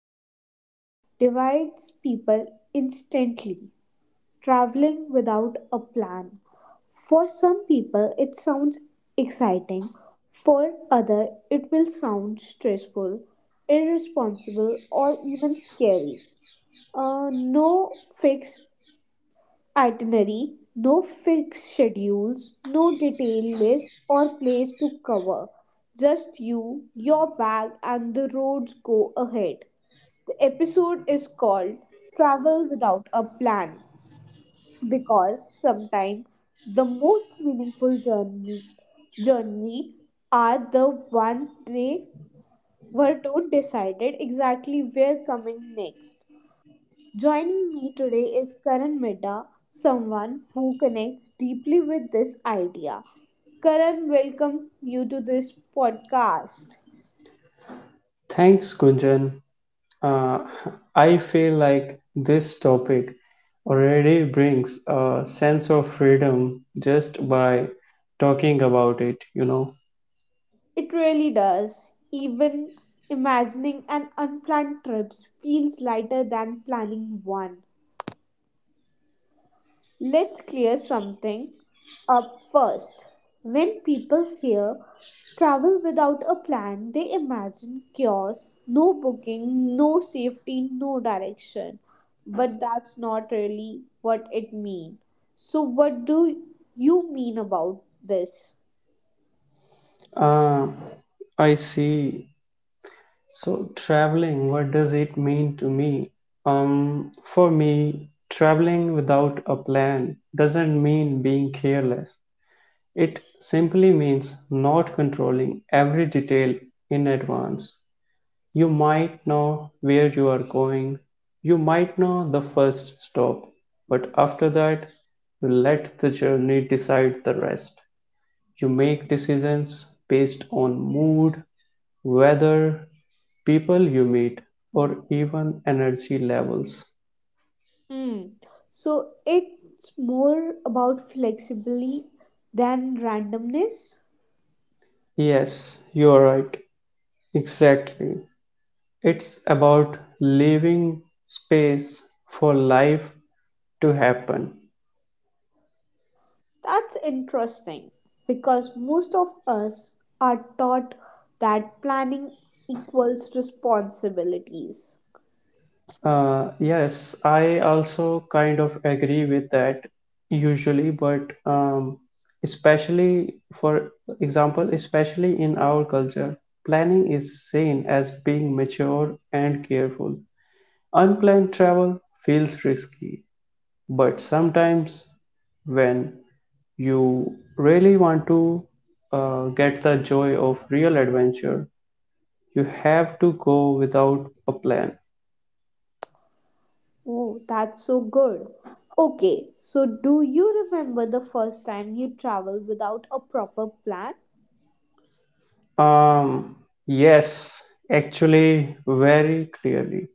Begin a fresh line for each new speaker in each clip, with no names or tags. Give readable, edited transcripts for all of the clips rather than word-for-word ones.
something that divides people instantly traveling without a plan. For some people, it sounds exciting. For others, it will sound stressful, irresponsible, or even scary. No fixed itinerary, no fixed schedules, no detailed list or place to cover. Just you, your bag, and the roads go ahead. The episode is called Travel Without a Plan because sometimes the most meaningful journey are the ones they were not decided exactly where coming next joining me today is Karan Mehta, someone who connects deeply with this idea. Karan, welcome you to this podcast.
Thanks, Gunjan. Uh, I feel like this topic already brings a sense of freedom just by talking about it.
It really does, even imagining an unplanned trip feels lighter than planning one. Let's clear something up first. When people hear travel without a plan, they imagine chaos, no booking, no safety, no direction. But that's not really what it means. So, what do you mean about this?
Uh, I see. So, traveling, what does it mean to me? For me, traveling without a plan doesn't mean being careless. It simply means not controlling every detail in advance. You might know where you are going, you might know the first stop, but after that, you let the journey decide the rest. You make decisions based on mood, weather, people you meet, or even energy levels.
Hmm. So, it's more about flexibility than randomness.
Yes, you're right. Exactly. It's about leaving space for life to happen.
That's interesting because most of us are taught that planning equals responsibilities.
Yes, I also kind of agree with that usually, but especially for example, especially in our culture, planning is seen as being mature and careful. Unplanned travel feels risky, but sometimes when you really want to get the joy of real adventure, you have to go without a plan.
Oh, that's so good. Okay, so do you remember the first time you traveled without a proper plan?
Um, yes, actually, very clearly.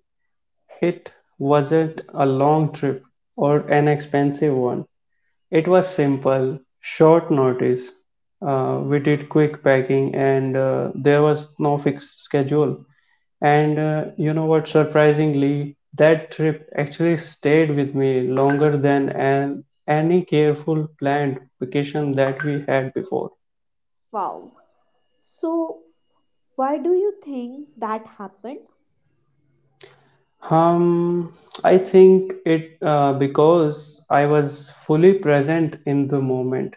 It wasn't a long trip or an expensive one. It was simple, short notice. We did quick packing, and there was no fixed schedule. And you know what, surprisingly, that trip actually stayed with me longer than any careful planned vacation that we had before.
Wow. So, why do you think that happened?
Um, I think it because I was fully present in the moment.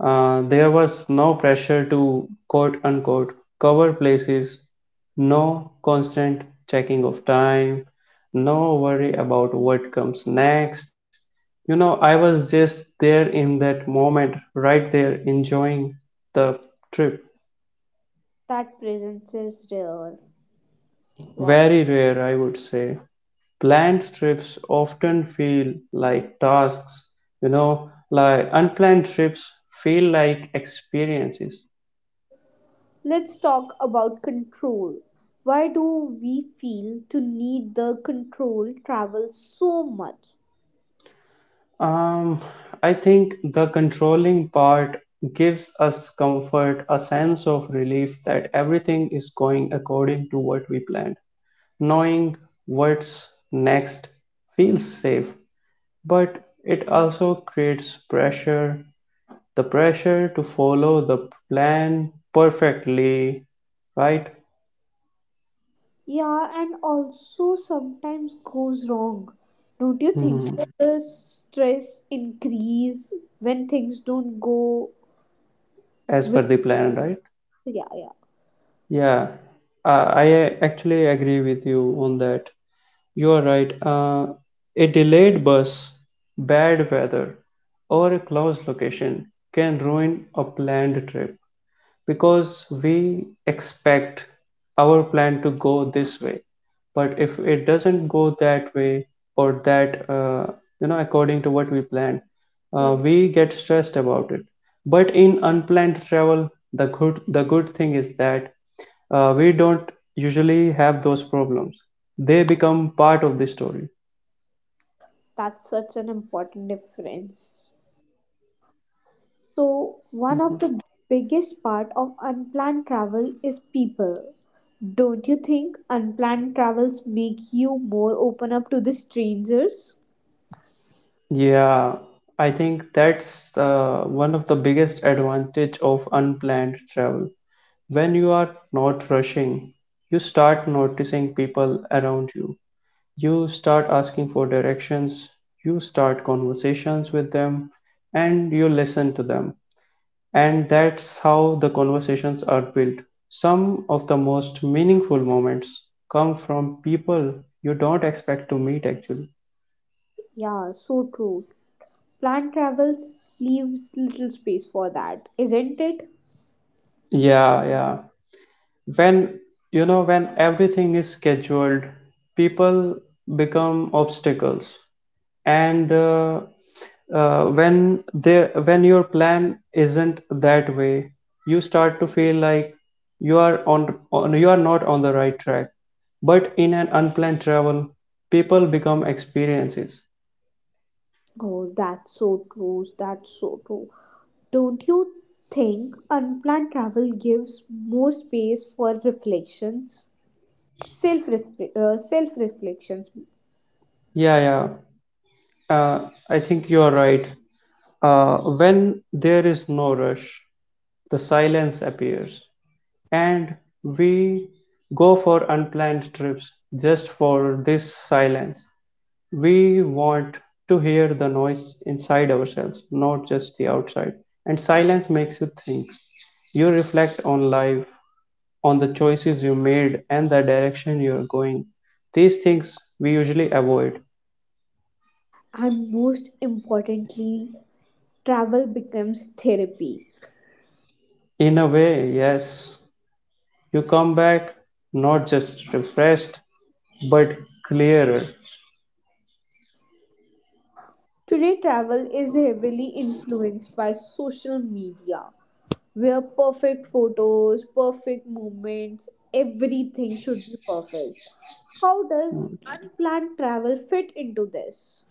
There was no pressure to quote unquote cover places, no constant checking of time, no worry about what comes next. You know, I was just there in that moment, right there, enjoying the trip.
That presence is rare. Wow.
Very rare, I would say. Planned trips often feel like tasks, like unplanned trips feel like experiences.
Let's talk about control. Why do we feel to need the control travel so much?
Um, I think the controlling part gives us comfort, a sense of relief that everything is going according to what we planned. Knowing what's next feels safe, but it also creates pressure the pressure to follow the plan perfectly, right?
Yeah, and also sometimes goes wrong. Don't you think so?
Mhm.
The stress increase when things don't go
As per
with
the plan, right?
yeah yeah
Yeah, I actually agree with you on that. You are right. A delayed bus, bad weather, or a closed location can ruin a planned trip because we expect our plan to go this way. But if it doesn't go that way, or that, according to what we planned,
yeah.
we get stressed about it. But in unplanned travel, the good thing is that we don't usually have those problems. They become part of the story.
That's such an important difference. So, one of the biggest part of unplanned travel is people. Don't you think unplanned travels make you more open up to the strangers?
Yeah, I think that's one of the biggest advantage of unplanned travel. When you are not rushing, you start noticing people around you. You start asking for directions, you start conversations with them, and you listen to them. And that's how the conversations are built. Some of the most meaningful moments come from people you don't expect to meet, actually.
Yeah, so true. Planned travels leaves little space for that, isn't it?
Yeah, yeah. When you know when everything is scheduled, people become obstacles. And when your plan isn't that way, you start to feel like you are not on the right track. But in an unplanned travel, people become experiences.
Oh, that's so true. That's so true. Don't you think unplanned travel gives more space for reflections? Self, self reflections
Yeah, yeah. Uh, I think you are right. When there is no rush, the silence appears, and we go for unplanned trips just for this silence. We want to hear the noise inside ourselves, not just the outside. And silence makes you think. You reflect on life, on the choices you made, and the direction you're going. These things we usually avoid.
and most importantly travel becomes therapy.
In a way, yes. You come back not just refreshed, but clearer.
Today, travel is heavily influenced by social media, where perfect photos, perfect moments, everything should be perfect. How does unplanned travel fit into this?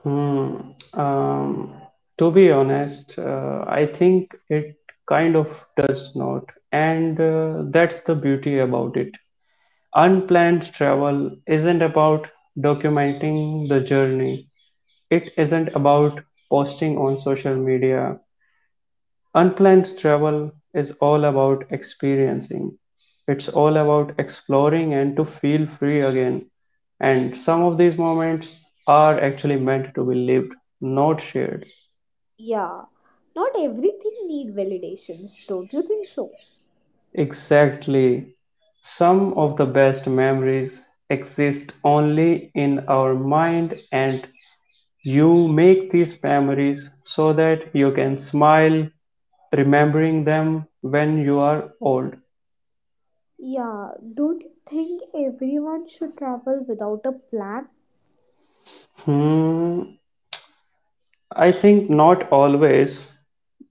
Hmm. Um, to be honest, I think it kind of does not. And that's the beauty about it. Unplanned travel isn't about documenting the journey, it isn't about posting on social media. Unplanned travel is all about experiencing. It's all about exploring and to feel free again. And some of these moments are actually meant to be lived, not shared.
Yeah, not everything need validations, don't you think so?
Exactly. Some of the best memories exist only in our mind, and you make these memories so that you can smile remembering them when you are old.
Yeah, don't you think everyone should travel without a plan?
Hmm. I think not always,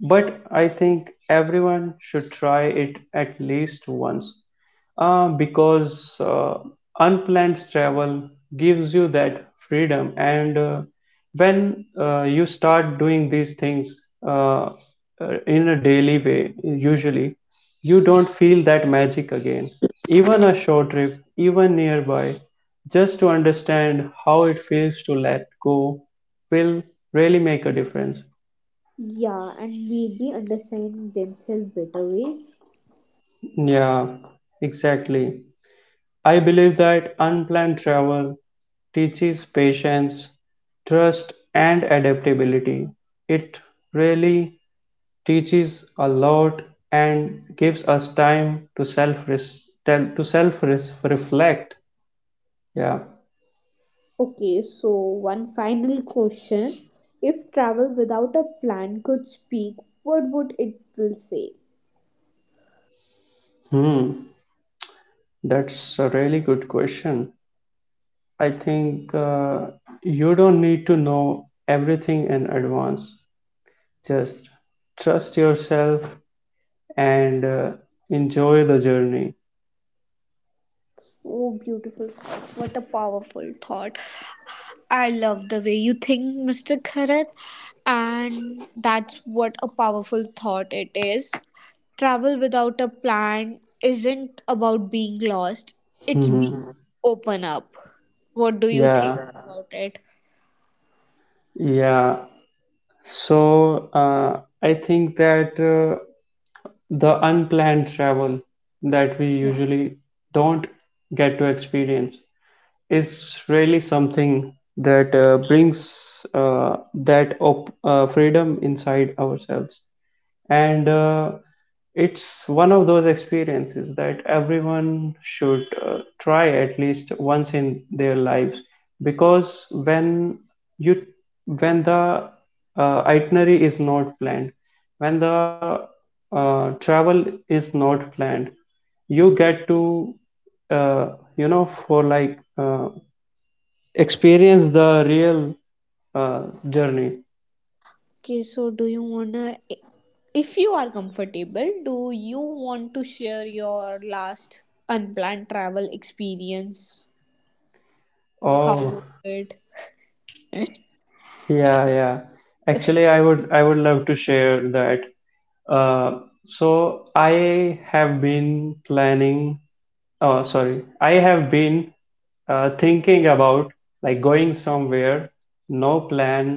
but I think everyone should try it at least once, because unplanned travel gives you that freedom. And when you start doing these things, uh, in a daily way, usually, you don't feel that magic again. Even a short trip, even nearby, just to understand how it feels to let go will really make a difference.
Yeah, and maybe understand themselves better ways.
Yeah, exactly. I believe that unplanned travel teaches patience, trust, and adaptability. It really teaches a lot and gives us time to self reflect. Yeah.
Okay, so one final question. If travel without a plan could speak, what would it will say?
Hmm. That's a really good question. I think you don't need to know everything in advance. Just trust yourself, and enjoy the journey.
So beautiful thought. What a powerful thought. I love the way you think, Mr. Kharat. And that's what a powerful thought it is. Travel without a plan isn't about being lost, it's
Mhm.
being open up. What do you think
Yeah,
about it?
yeah. So I think that the unplanned travel that we usually don't get to experience is really something that brings that freedom inside ourselves. And it's one of those experiences that everyone should try at least once in their lives, because when you when the itinerary is not planned, when the travel is not planned, you get to uh, you know for like experience the real uh, journey.
Okay, so do you wanna, if you are comfortable, do you want to share your last unplanned travel experience? How
Oh,
was it? Uh,
yeah, yeah, actually, I would love to share that. Uh, so I have been planning, oh, sorry, I have been thinking about like going somewhere, no plan,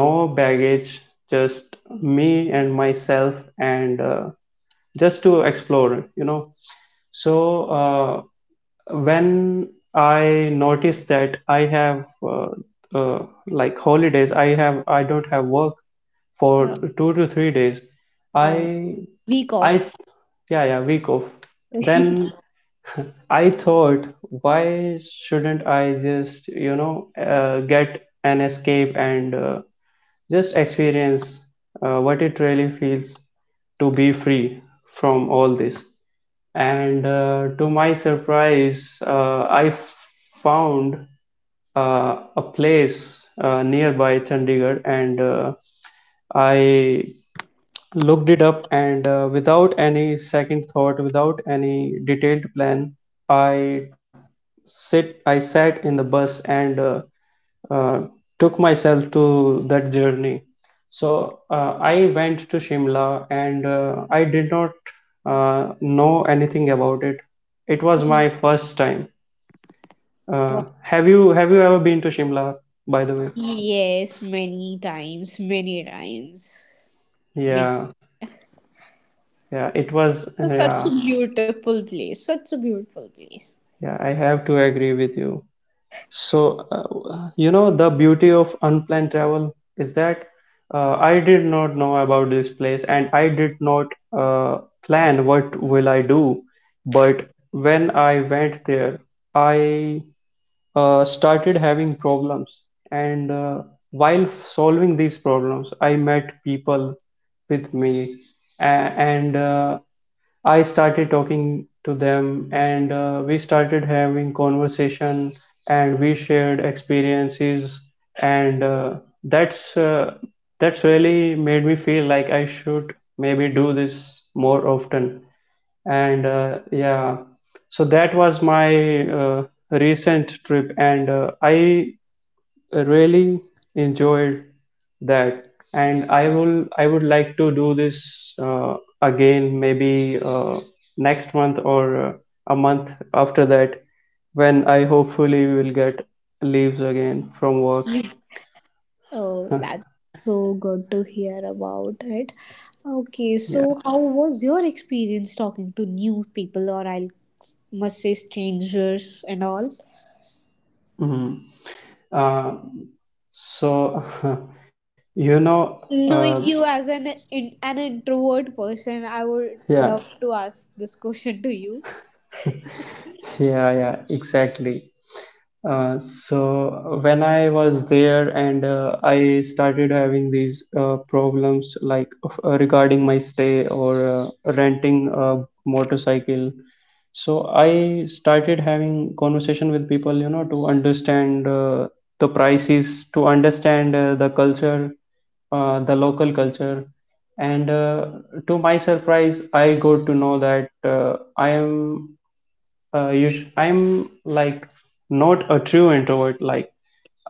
no baggage, just me and myself, and just to explore. So when I noticed that I have uh, like holidays, I don't have work for 2 to 3 days.
uh,
I,
week
I,
off.
yeah, yeah, week off. Then I thought, why shouldn't I just, get an escape, and just experience what it really feels to be free from all this. And to my surprise, I found a place nearby Chandigarh, and I looked it up, and without any second thought, without any detailed plan, i I sat in the bus, and uh, took myself to that journey. So I went to Shimla, and I did not know anything about it. It was my first time. uh,
Wow.
have you have you ever been to Shimla, by the way?
Yes, many times, many times. Many.
Yeah, yeah, it was,
Such a
yeah.
beautiful place. Such a beautiful place.
Yeah, I have to agree with you. So, the beauty of unplanned travel is that I did not know about this place, and I did not uh, plan what will I do. But when I went there, I started having problems. And while solving these problems, I met people with me. A- and I started talking to them, and we started having conversation, and we shared experiences. And that's uh, that's really made me feel like I should maybe do this more often. And yeah, so that was my recent trip, and I really enjoyed that. And I would like to do this again, maybe next month, or a month after that, when I hopefully will get leaves again from work.
Oh, that's so good to hear about it. Okay,
Yeah.
so how was your experience talking to new people, or I Must say strangers and all?
Mhm. uh, so you know uh,
Knowing you as an introvert person, I would
yeah.
love to ask this question to you.
Yeah, yeah, exactly. So when I was there, and I started having these problems, like regarding my stay, or renting a motorcycle. So I started having conversation with people, to understand the prices, to understand the culture, the local culture. And to my surprise, I got to know that I'm like not a true introvert. Like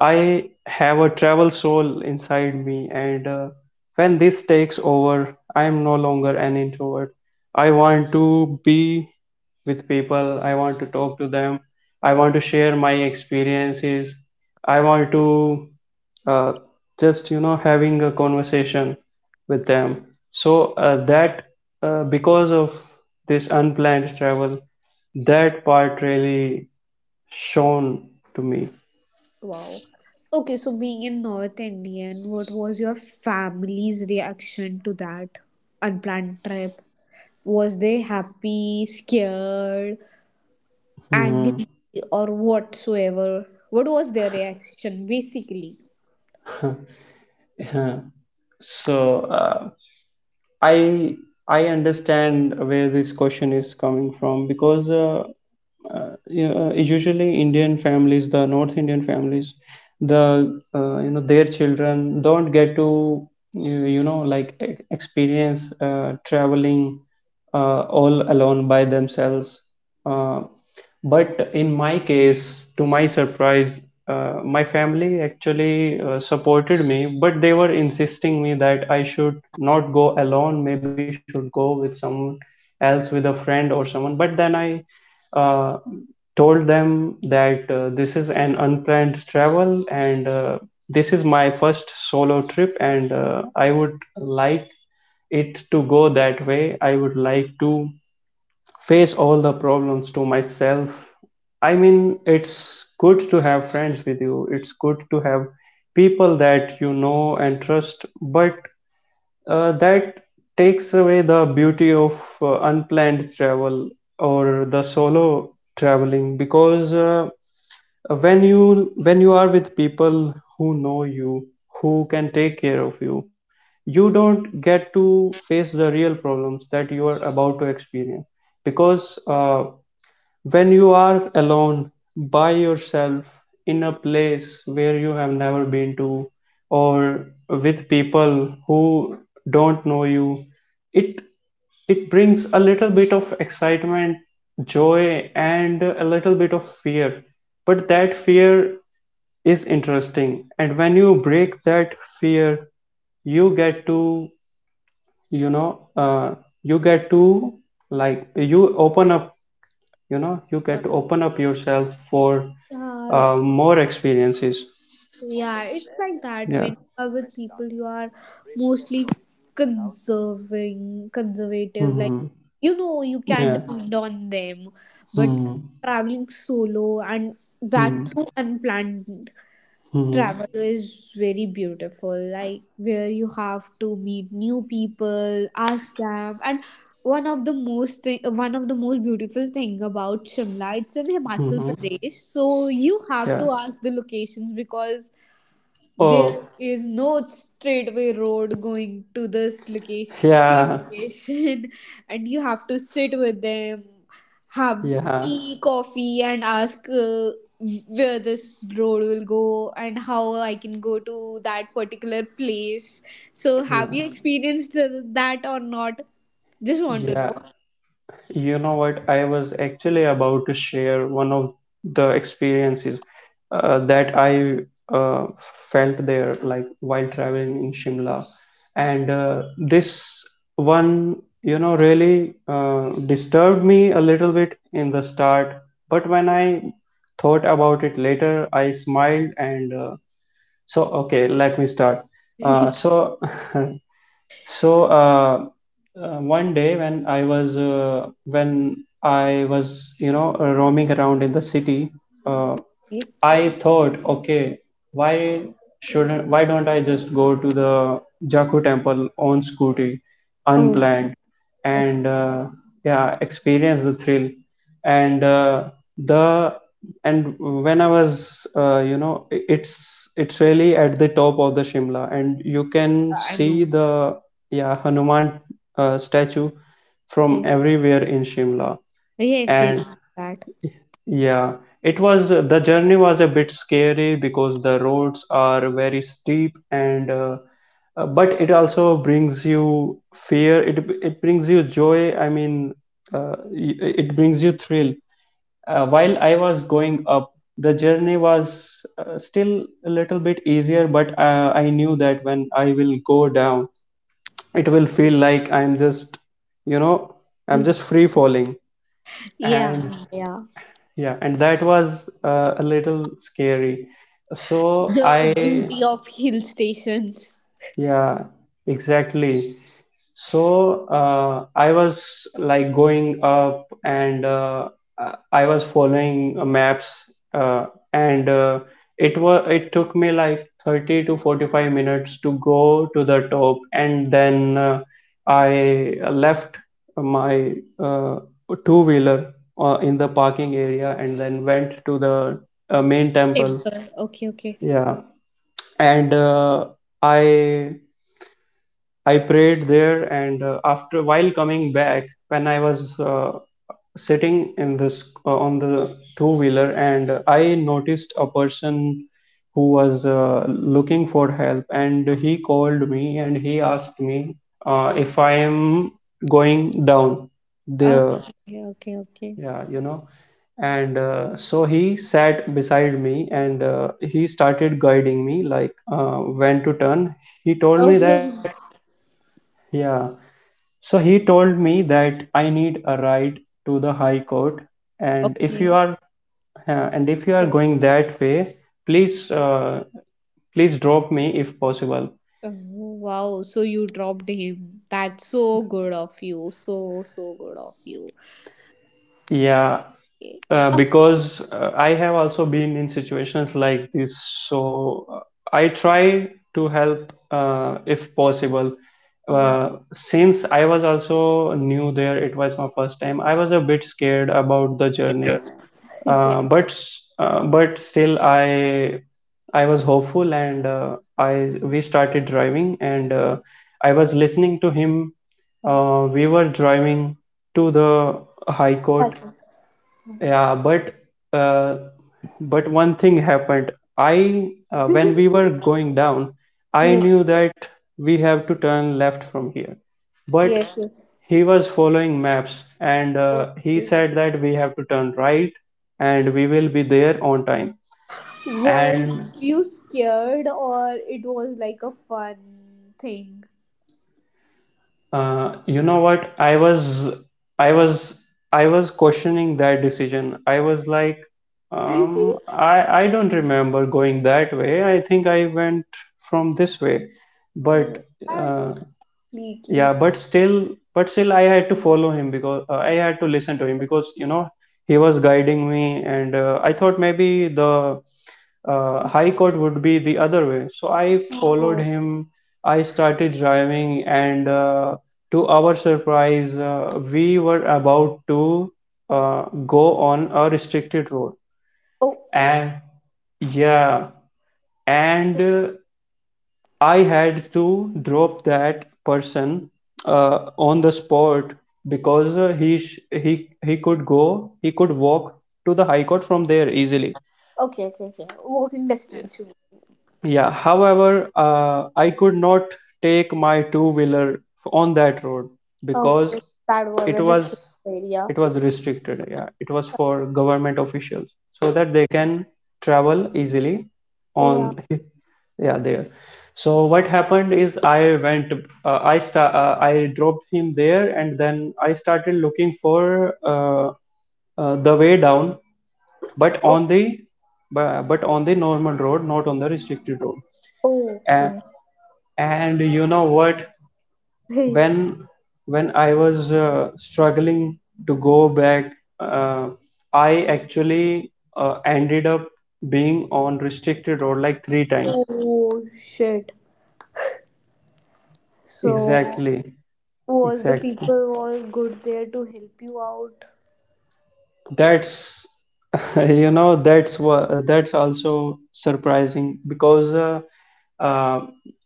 I have a travel soul inside me, and when this takes over, I am no longer an introvert. I want to be with people. I want to talk to them. I want to share my experiences. I want to uh, just having a conversation with them. So that because of this unplanned travel, that part really shown to me.
Wow. Okay, so being in North Indian, what was your family's reaction to that unplanned trip? Was they happy, scared, angry,
Mhm.
or whatsoever? What was their reaction basically?
So I I understand where this question is coming from, because usually Indian families, the North Indian families, the their children don't get to experience traveling all alone by themselves. Uh, But in my case, to my surprise, my family actually supported me, but they were insisting me that I should not go alone. Maybe should go with someone else, with a friend or someone. But then I uh, told them that this is an unplanned travel, and this is my first solo trip, and I would like it to go that way. I would like to face all the problems to myself. I mean, it's good to have friends with you, it's good to have people that you know and trust, but that takes away the beauty of unplanned travel or the solo traveling because when you are with people who know you, who can take care of you, you don't get to face the real problems that you are about to experience because when you are alone by yourself in a place where you have never been to, or with people who don't know you, it it brings a little bit of excitement, joy, and a little bit of fear. But that fear is interesting. And when you break that fear, you get to, you know, uh, you get to, like, you open up, you
Uh,
get to open up yourself for
Yeah,
more experiences.
yeah, it's like that when
Yeah.
you are with people you are mostly conservative. Like,
Hmm.
you know, you can't
Yeah.
depend on them, but
Hmm.
traveling solo and that
Hmm.
too unplanned
Hmm.
travel is very beautiful, like where you have to meet new people ask them and one of the most beautiful thing about Shimla, it's in Himachal
Hmm.
Pradesh, so you have
Yeah.
to ask the locations because there
Oh,
is no straightway road going to this location, same
yeah,
location, and you have to sit with them, have
yeah,
tea, coffee, and ask where this road will go and how I can go to that particular place. So, have
yeah,
you experienced that or not? Just want to
yeah.
know.
You know what? I was actually about to share one of the experiences that I felt there, like while traveling in Shimla. And this one, you know, really disturbed me a little bit in the start. But when I thought about it later, I smiled, and so, okay, let me start. Uh, so, So uh, one day when I was you know, roaming around in the city, uh, I thought, okay, why why don't I just go to the Jaku temple on scooty,
Oh,
unplanned,
okay.
and yeah, experience the thrill. And the and when I was, you know, it's really at the top of the Shimla, and you can
I
see
know.
the, yeah, Hanuman statue from
Yeah.
everywhere in Shimla,
Yes, yes,
and
that.
yeah, it was the journey was a bit scary because the roads are very steep, and but it also brings you fear. It brings you joy. I mean, it brings you thrill. While I was going up, the journey was still a little bit easier, but I knew that when I will go down, it will feel like I'm just, you know, I'm just free falling,
Yeah,
and
yeah.
yeah, and that was a little scary, so
The
I
beauty of hill stations.
yeah, exactly. So I was like going up, and I was following maps, uh, and it was, it took me like 30 to 45 minutes to go to the top, and then I left my uh, two wheeler in the parking area, and then went to the main temple.
Temple. Okay, okay.
Yeah. And I I prayed there, and after, while coming back, when I was sitting in this on the two wheeler, and I noticed a person who was looking for help, and he called me, and he asked me if I am going down
Oh,
there.
okay, okay, okay.
Yeah, you know, and so he sat beside me, and he started guiding me like when to turn. He told me that
Oh,
yeah so he told me that I need a ride to the High Court, and if
okay.
you are, and if you are
So,
going that way, please, please drop me if possible.
oh, wow. So you dropped him. That's so good of you. So, so good of you.
Yeah,
Okay.
because I have also been in situations like this, so I try to help if possible.
Uh,
Since I was also new there, it was my first time. I was a bit scared about the journey,
yeah.
uh, but but still, I was hopeful, and I we started driving, and I was listening to him. We were driving to the high court,
Okay.
yeah, uh, but one thing happened. I When we were going down, I knew
Yes,
that we have to turn left from here. But
yes, yes.
he was following maps, and he said that we have to turn right, and we will be there on time. And
Was you scared or it was like a fun thing?
You know what? I was, I was questioning that decision. I was like, I don't remember going that way. I think I went from this way.
Oh,
But
that's
uh,
completely
yeah
fun.
but still but still I had to follow him because I had to listen to him because, you know, he was guiding me, and I thought maybe the high court would be the other way, so I
Oh.
followed him. I started driving, and to our surprise, we were about to uh, go on a restricted road,
Oh.
and yeah, and I had to drop that person on the spot because he could go, he could walk to the high court from there easily.
Okay, okay, okay. Walking distance. You. Mean.
Yeah, however, I could not take my two-wheeler on that road because
Okay, that was
it
a distant
was,
area.
it was restricted. Yeah, it was for government officials so that they can travel easily
Yeah.
on yeah there. So what happened is I went, I dropped him there, and then I started looking for, the way down, but
O-
on the but on the normal road, not on the restricted road. A-
Okay.
and you know what,
Hey.
when when I was struggling to go back, uh, I actually ended up being on restricted road like three times,
Oh shit. So
exactly,
was the
exactly.
people all good there to help you out?
That's, you know, that's what, that's also surprising because uh,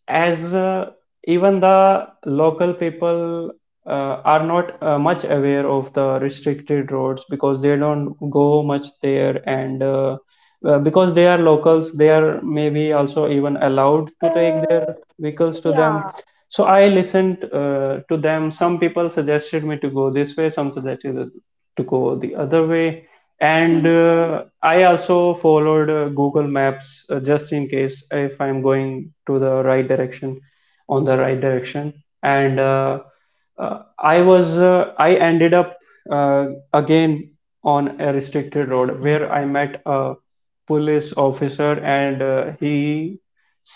as even the local people are not much aware of the restricted roads because they don't go much there, and because they are locals, they are maybe also even allowed to take their
Uh,
vehicles to them.
yeah.
So I listened, to them. Some people suggested me to go this way, some suggested to go the other way, and I also followed Google Maps, just in case if I'm going to the right direction, on the right direction, and uh, I ended up uh, again on a restricted road where I met a police officer, and he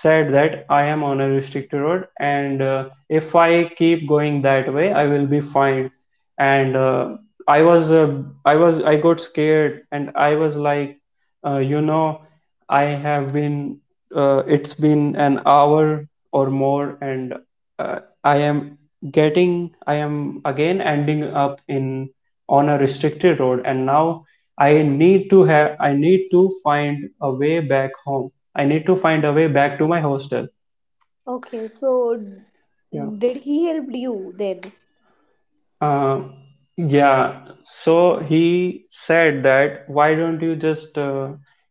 said that I am on a restricted road, and if I keep going that way, I will be fined, and I was I got scared, and I was like, you know, I have been, it's been an hour or more, and I am getting, I am again ending up in, on a restricted road, and now I need to have, I need to find a way back home. I need to find a way back to my hostel.
Okay. So
Yeah.
did he help you then?
Uh, yeah. So he said that, why don't you just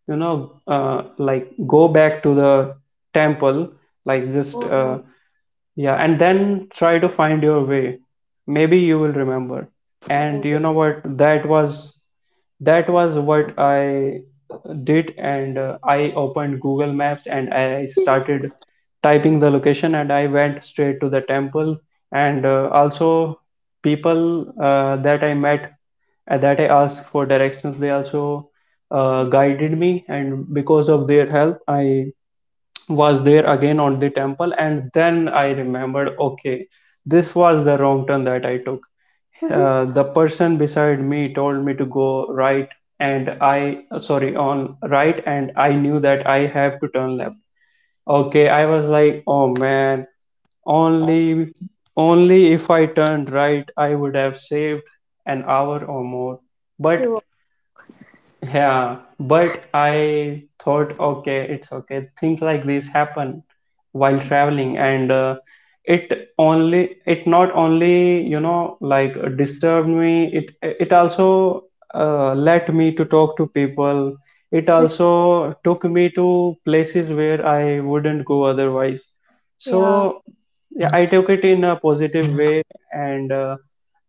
you know, like, go back to the temple, like, just,
Oh.
yeah, and then try to find your way. Maybe you will remember.
Oh.
And you know what? That was what I did, and I opened Google Maps, and I started typing the location, and I went straight to the temple, and also people that I asked for directions, they also guided me, and because of their help, I was there again on the temple, and then I remembered, okay, this was the wrong turn that I took. The person beside me told me to go right, and I sorry, on right, and I knew that I have to turn left. Okay, I was like, oh man, only only if I turned right, I would have saved an hour or more. But
So,
yeah, but I thought, okay, it's okay. Things like this happen while traveling, and it only, it not only, you know, like, disturbed me. It also led me to talk to people. It also took me to places where I wouldn't go otherwise.
yeah.
So yeah, I took it in a positive way, and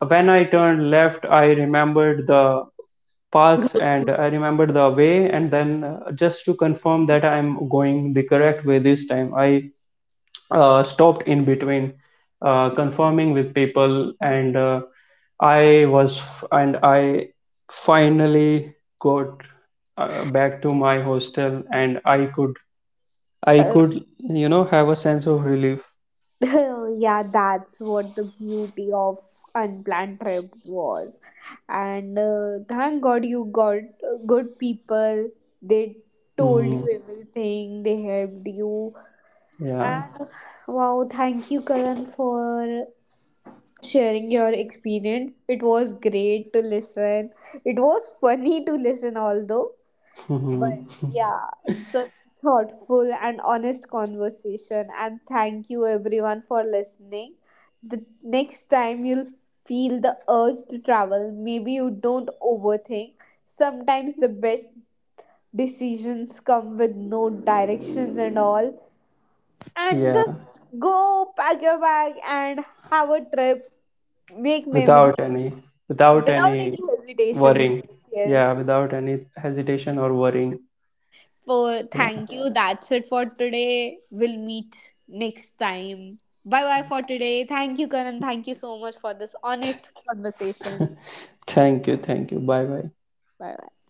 when I turned left, I remembered the paths, and I remember the way, and then just to confirm that I'm going the correct way this time, I stopped in between, confirming with people, and I was and I finally got back to my hostel, and I could, you know, have a sense of relief.
Yeah, that's what the beauty of unplanned trip was. And thank God you got good people. They told
Mhm.
you everything. They helped you.
Yeah.
And wow, thank you, Karan, for sharing your experience. It was great to listen. It was funny to listen, although. But yeah, such thoughtful and honest conversation. And thank you everyone for listening. The next time you'll feel the urge to travel, maybe you don't overthink. Sometimes the best decisions come with no directions and all. And
Yeah,
just go pack your bag and have a trip, make memories
without any without
without
any
any hesitations.
worrying.
Yes,
Yeah,
yes.
without any hesitation or worrying.
For
Yeah.
thank you. That's it for today. We'll meet next time. Bye bye for today. Thank you, Karan. Thank you so much for this honest conversation.
Thank you, thank you, bye bye.
Bye bye.